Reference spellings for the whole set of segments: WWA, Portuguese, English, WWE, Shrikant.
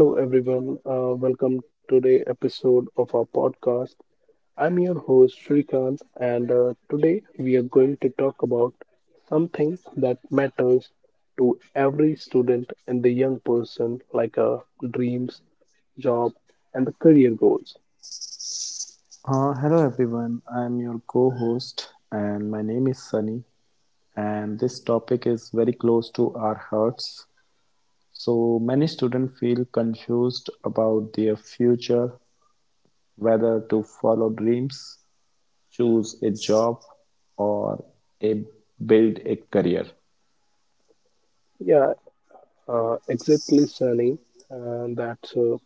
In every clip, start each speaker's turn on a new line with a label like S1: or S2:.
S1: Hello, everyone. Welcome to the episode of our podcast. I'm your host, Shrikant, and today we are going to talk about something that matters to every student and the young person, dreams, job, and the career goals.
S2: Hello everyone, I'm your co host, and my name is Sunny. And this topic is very close to our hearts. So, many students feel confused about their future, whether to follow dreams, choose a job, or a, build a career.
S1: Yeah, exactly, Sunny. And that's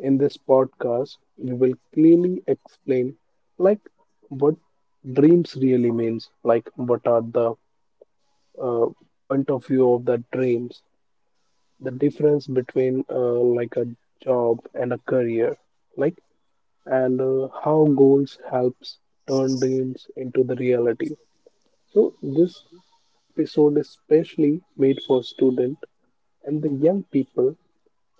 S1: in this podcast, we will clearly explain, like, what dreams really means, like, what are the uh, point of view of the dreams, the difference between like a job and a career, like, and how goals helps turn dreams into the reality. So this episode is specially made for student and the young people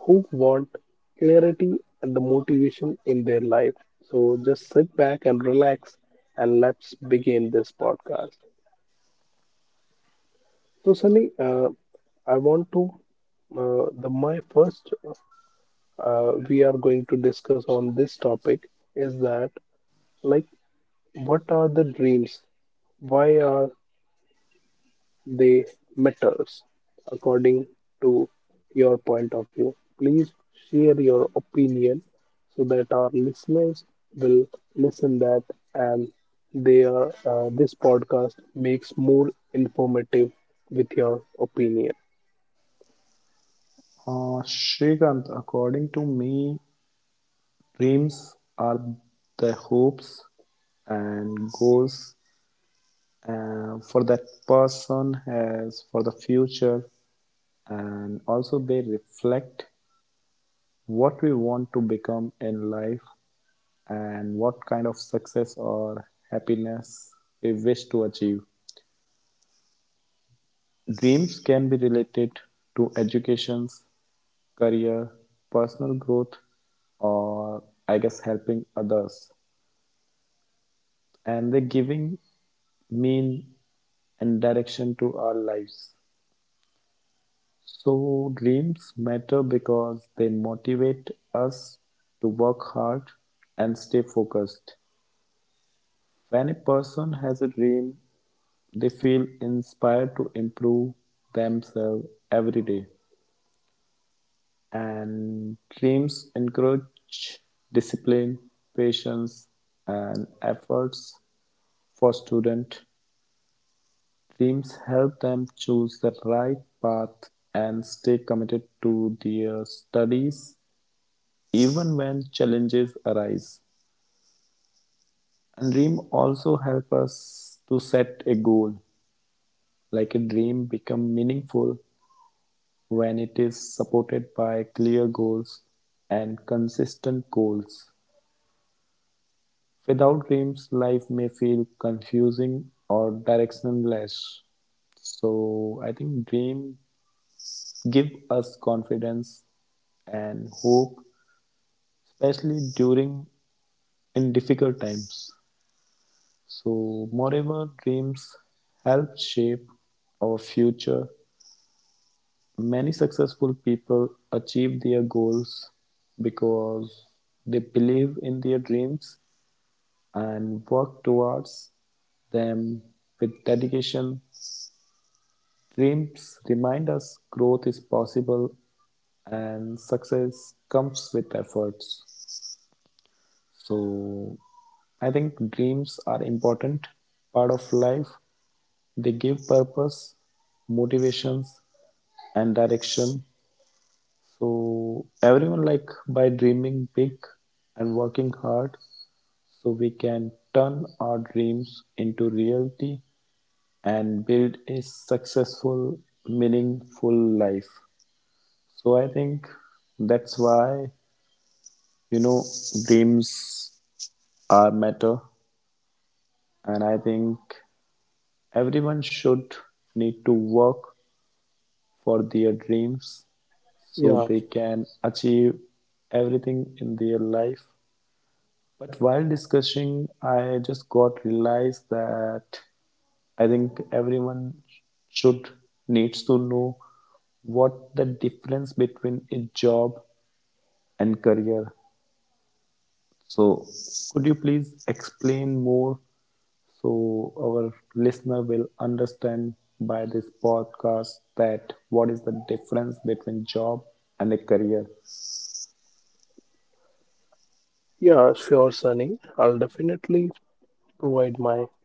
S1: who want clarity and the motivation in their life. So just sit back and relax and let's begin this podcast. So, Sunny, I want to the my first we are going to discuss on this topic is that, like, what are the dreams? Why are they matters according to your point of view? Please share your opinion so that our listeners will listen that, and they are this podcast makes more informative with your opinion.
S2: Shrikant, according to me, dreams are the hopes and goals for that person as for the future, and also they reflect what we want to become in life and what kind of success or happiness we wish to achieve. Dreams can be related to educations, career, personal growth, or I guess helping others, and they giving mean and direction to our lives. So dreams matter because they motivate us to work hard and stay focused. When a person has a dream, they feel inspired to improve themselves every day. And dreams encourage discipline, patience, and efforts for students. Dreams help them choose the right path and stay committed to their studies even when challenges arise. And dream also help us to set a goal. Like a dream become meaningful when it is supported by clear goals and consistent goals. Without dreams, life may feel confusing or directionless. So I think dreams give us confidence and hope, especially during in difficult times. So, moreover, dreams help shape our future. Many successful people achieve their goals because they believe in their dreams and work towards them with dedication. Dreams remind us growth is possible and success comes with efforts. So, I think dreams are important part of life. They give purpose, motivations, and direction. So everyone, like, by dreaming big and working hard, so we can turn our dreams into reality and build a successful, meaningful life. So I think that's why, you know, dreams are matter, and I think everyone should need to work for their dreams so they
S1: Yeah,
S2: can achieve everything in their life. But while discussing, I just got realized that I think everyone should needs to know what the difference between a job and career. So could you please explain more so our listener will understand by this podcast that what is the difference between job and a career?
S1: Yeah, sure, Sunny. I'll definitely provide my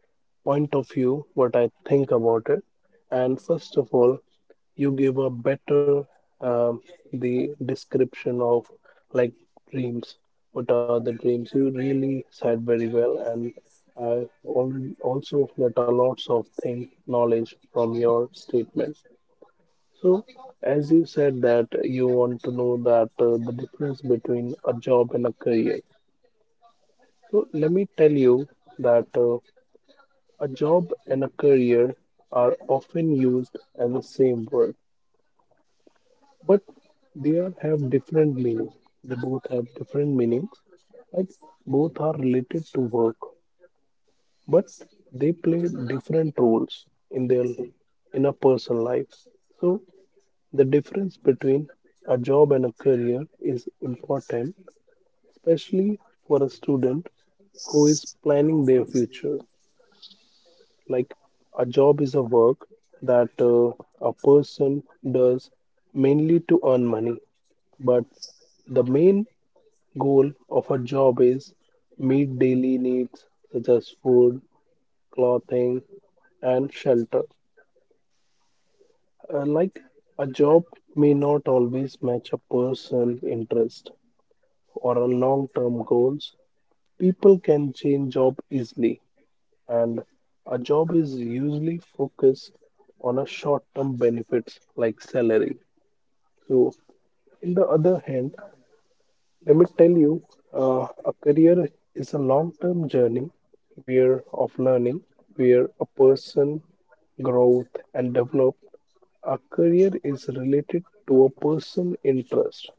S1: point of view, what I think about it. And first of all, you give a better um, the description of like dreams. What are the dreams? You really said very well, and I already also get a lots of thing knowledge from your statement. So, as you said that you want to know that the difference between a job and a career. So let me tell you that a job and a career are often used as the same word, but have different meaning. They both have different meanings. Like both are related to work, but they play different roles in their, in a person's life. So the difference between a job and a career is important, especially for a student who is planning their future. Like a job is a work that a person does mainly to earn money, but the main goal of a job is meet daily needs such as food, clothing, and shelter. Like a job may not always match a person's interest or a long-term goals. People can change job easily, and a job is usually focused on a short-term benefits like salary. So, in the other hand, let me tell you, a career is a long-term journey where of learning, where a person growth and develop. A career is related to a person interest,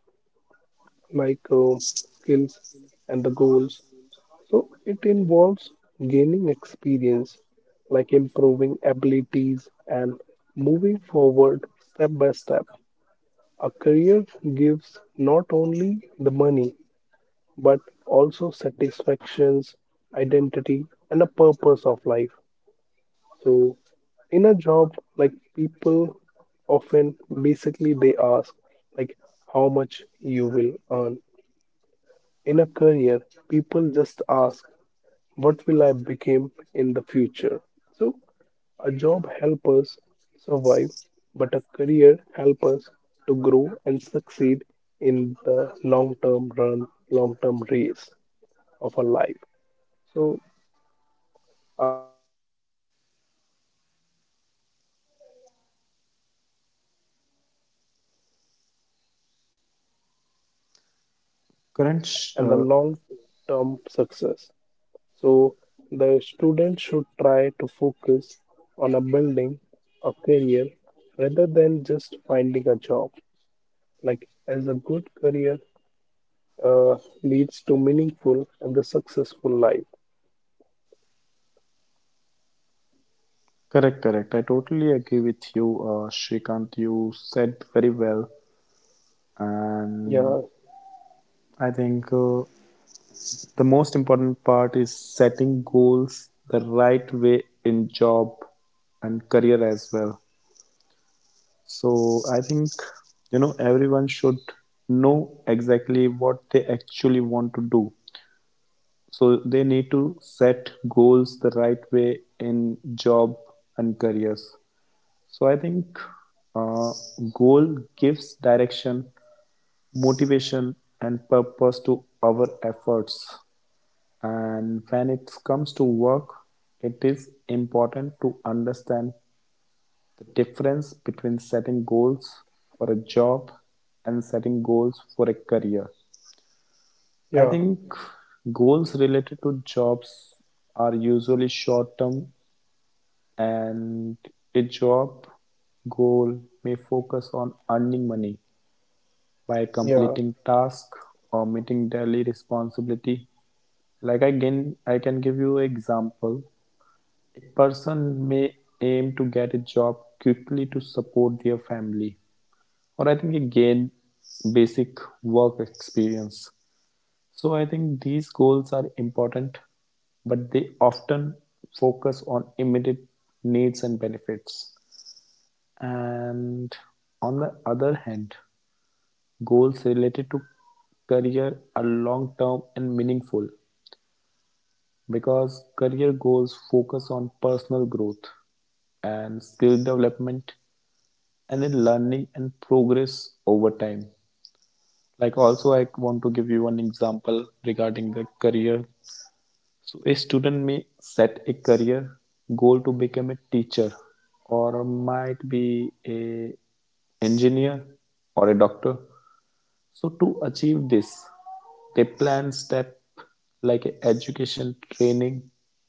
S1: like uh, skills and the goals. So it involves gaining experience, like improving abilities and moving forward step by step. A career gives not only the money, but also satisfactions, identity, and a purpose of life. So in a job, like people often basically they ask, like, how much you will earn. In a career, people just ask, what will I become in the future? So a job help us survive, but a career help us to grow and succeed in the long term run, long term race of our life. So according to me, a job is important for earning money, but a career is also a very important for personal growth
S2: Current sh-
S1: and the
S2: uh,
S1: long term success. So the student should try to focus on a building a career rather than just finding a job. Like as a good career uh, leads to meaningful and the successful life.
S2: Correct, correct. I totally agree with you, Shrikant. You said very well. And
S1: Yeah,
S2: I think the most important part is setting goals the right way in job and career as well. So I think, you know, everyone should know exactly what they actually want to do. So they need to set goals the right way in job and careers. So I think uh, goal gives direction, motivation, and purpose to our efforts. And when it comes to work, it is important to understand the difference between setting goals for a job and setting goals for a career. I
S1: yeah,
S2: think goals related to jobs are usually short term, and a job goal may focus on earning money by
S1: yeah,
S2: completing tasks or meeting daily responsibility. Like I can give you an example. A person may aim to get a job quickly to support their family, or I think again basic work experience. So I think these goals are important, but they often focus on immediate needs and benefits. And on the other hand, goals related to career are long-term and meaningful, because career goals focus on personal growth and skill development and in learning and progress over time. Like also I want to give you one example regarding the career. So a student may set a career goal to become a teacher, or might be a engineer, or a doctor. So to achieve this, they plan step like education, training,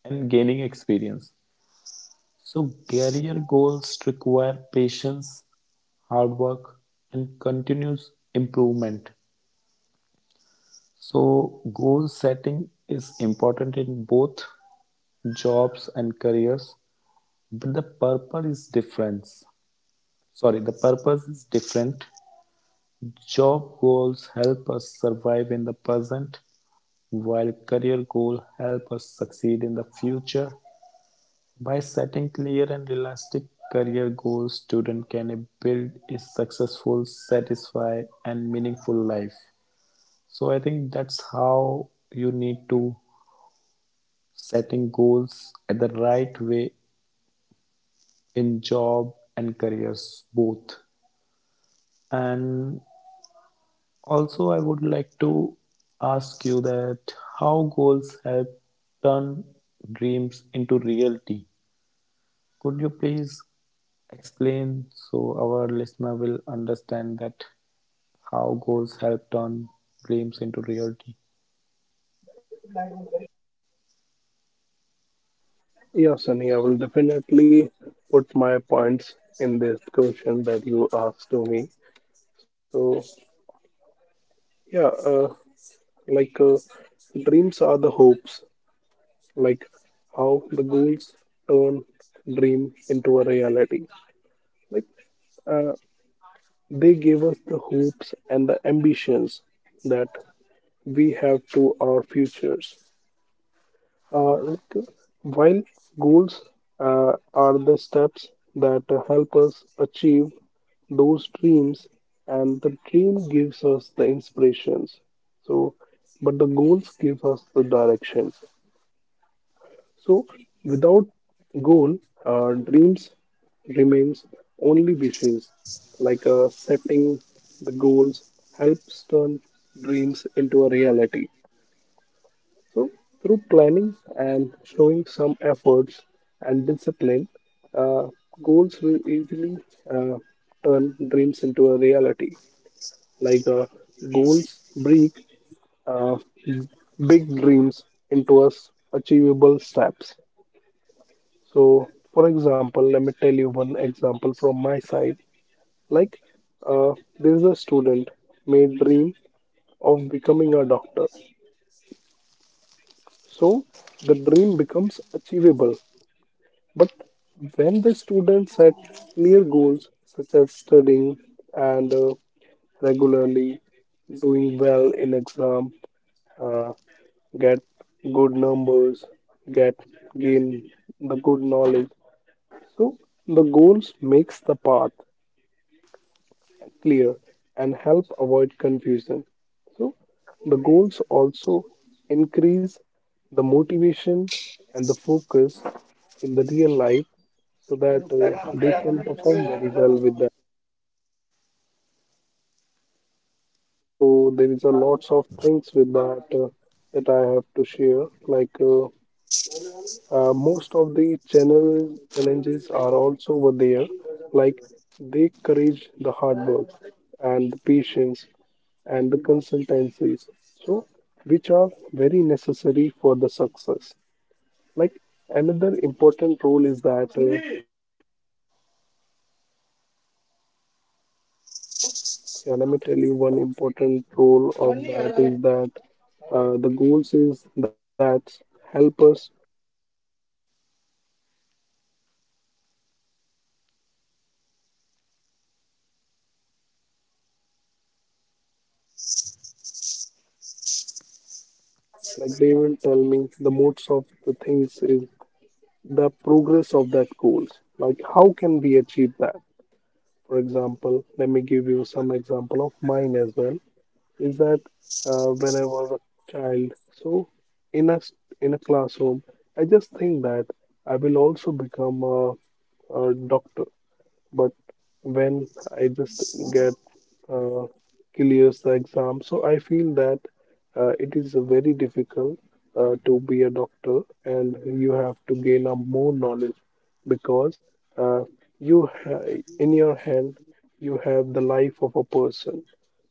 S2: and gaining experience. So career goals require patience, hard work, and continuous improvement. So goal setting is important in both jobs and careers, but the purpose is different. Sorry, the purpose is different. Job goals help us survive in the present, while career goals help us succeed in the future. By setting clear and realistic career goals, student can build a successful, satisfied, and meaningful life. So I think that's how you need to setting goals at the right way in job and careers both. And also, I would like to ask you that how goals have turned dreams into reality. Could you please explain so our listener will understand that how goals help turn dreams into reality?
S1: yeah, Sunny. I will definitely put my points in this question that you asked to me. So yeah, like uh, dreams are the hopes, like how the goals turn dream into a reality. Like uh, they gave us the hopes and the ambitions that we have to our futures. Uh, like, uh, while goals are the steps that help us achieve those dreams, and the dream gives us the inspirations. So, but the goals give us the direction. So, without goal, dreams remains only wishes. Setting the goals helps turn dreams into a reality. So, through planning and showing some efforts and discipline, uh, goals will easily uh, turn dreams into a reality. Like uh, Goals break uh, big dreams into us achievable steps. So, for example, let me tell you one example from my side. Like, uh, there is a student may dream of becoming a doctor. So, the dream becomes achievable. But when the student set clear goals such as studying and regularly doing well in exam, get good numbers, get gain the good knowledge. So, the goals makes the path clear and help avoid confusion. So, the goals also increase the motivation and the focus in the real life so that they can perform very well with that. So there is a lots of things with that I have to share. Most of the channel challenges are also over there, like they encourage the hard work and the patience and the consultancies, so which are very necessary for the success. Like another important role is that, yeah, let me tell you one important role of that is that the goals is that help us. Like they will tell me the modes of the things is the progress of that goals, like how can we achieve that. For example, let me give you some example of mine as well, is that when I was a child, so in a s- in a classroom I just think that I will also become a doctor. But when I just get uh, clears the exam, so I feel that it is very difficult to be a doctor, and you have to gain a more knowledge. Because uh, in your hand you have the life of a person.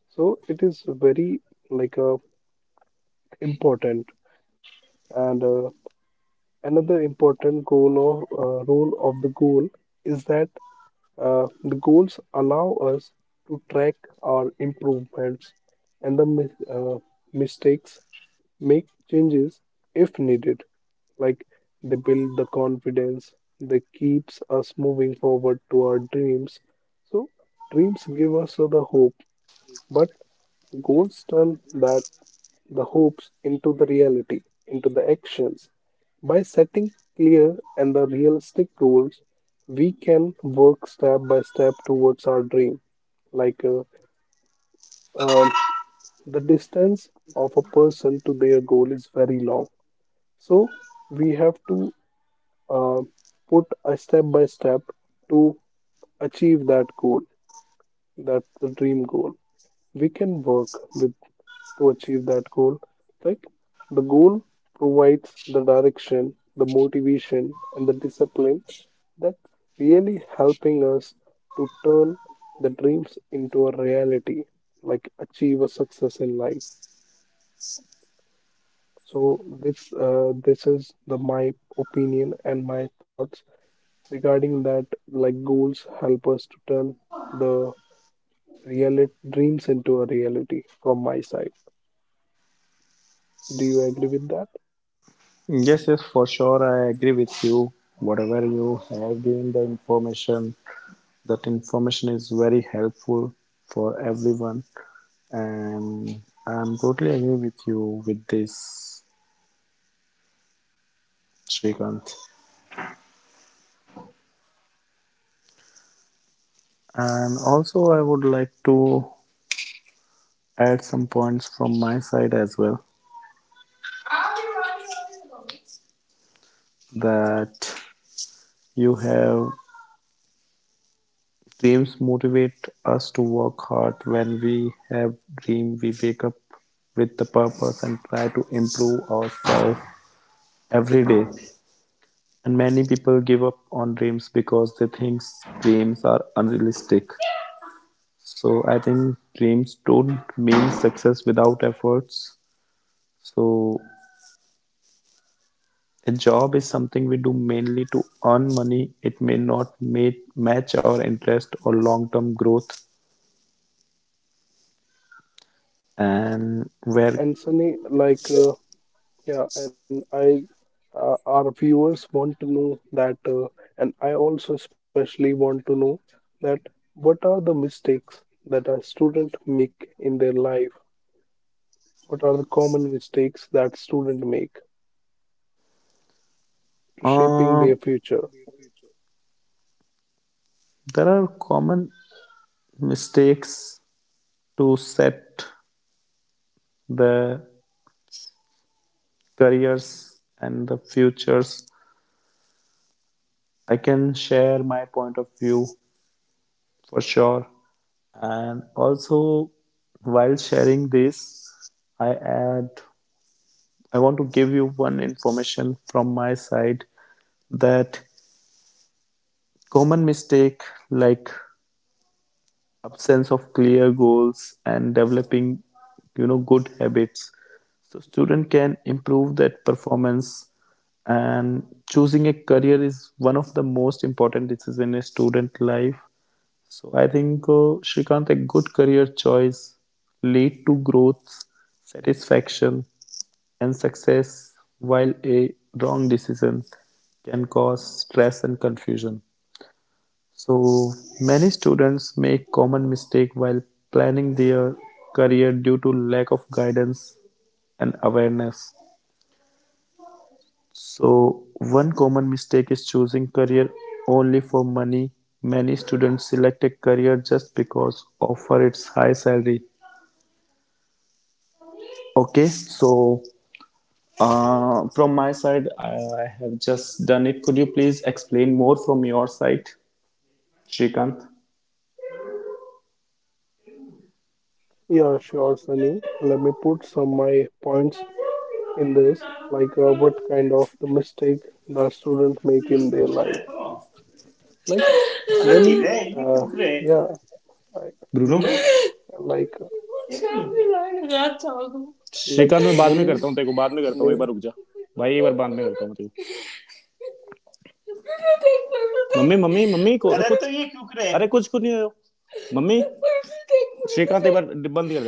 S1: So it is very like a important. And another important goal of role of the goal is that the goals allow us to track our improvements and mistakes, make changes if needed. Like they build the confidence, they keeps us moving forward to our dreams. So dreams give us the hope, but goals turn that the hopes into the reality, into the actions. By setting clear and the realistic goals, we can work step by step towards our dream. Like uh, um, the distance of a person to their goal is very long. So we have to uh, put a step by step to achieve that goal, that the dream goal. We can work with to achieve that goal. Like the goal provides the direction, the motivation, and the discipline that's really helping us to turn the dreams into a reality, like achieve a success in life. So this is the my opinion and my thoughts regarding that. Like goals help us to turn the reality dreams into a reality. From my side, do you agree with that?
S2: Yes, yes, for sure. I agree with you. Whatever you have given the information, that information is very helpful for everyone. And I'm totally agree with you with this, Shrikant. And also, I would like to add some points from my side as well, that you have. Dreams motivate us to work hard. When we have dream, we wake up with the purpose and try to improve ourselves every day. And many people give up on dreams because they think dreams are unrealistic. So I think dreams don't mean success without efforts. So a job is something we do mainly to earn money. It may not match our interest or long-term growth. And
S1: Yeah,
S2: where
S1: and Sunny, yeah, and I, our viewers want to know that, and I also especially want to know that what are the mistakes that a student make in their life? What are the common mistakes that student make to
S2: uh,
S1: shaping their future?
S2: there are common mistakes to set the careers and the futures, I can share my point of view for sure. And also, while sharing this, i add I want to give you one information from my side, that common mistake, like absence of clear goals and developing, you know, good habits, so student can improve that performance. And choosing a career is one of the most important decisions in a student life. So I think, Shrikant, a good career choice lead to growth, satisfaction, and success, while a wrong decision can cause stress and confusion. So, many students make common mistake while planning their career due to lack of guidance and awareness. So, one common mistake is choosing career only for money. Many students select a career just because offer its high salary. Okay, so from my side, I have just done it. Could you please explain more from your side, Shrikant?
S1: Yeah, sure, Sunny. Let me put some my points in this, what kind of the mistake the student make in their life. Like many, uh, yeah,
S2: Bruno
S1: like
S2: रात जाओ।
S1: like
S2: Shrikant, मैं बाद में करता
S1: many
S2: हूँ, तेरे को बाद में करता हूँ,
S1: Sunni
S2: एक बार रुक जा। भाई एक बार बाद में करता हूँ मैं तेरे को। मम्मी को, अरे कुछ- तो ये क्यों करे, अरे कुछ को नहीं हो। मम्मी, श्रीकांत एक बार बंद।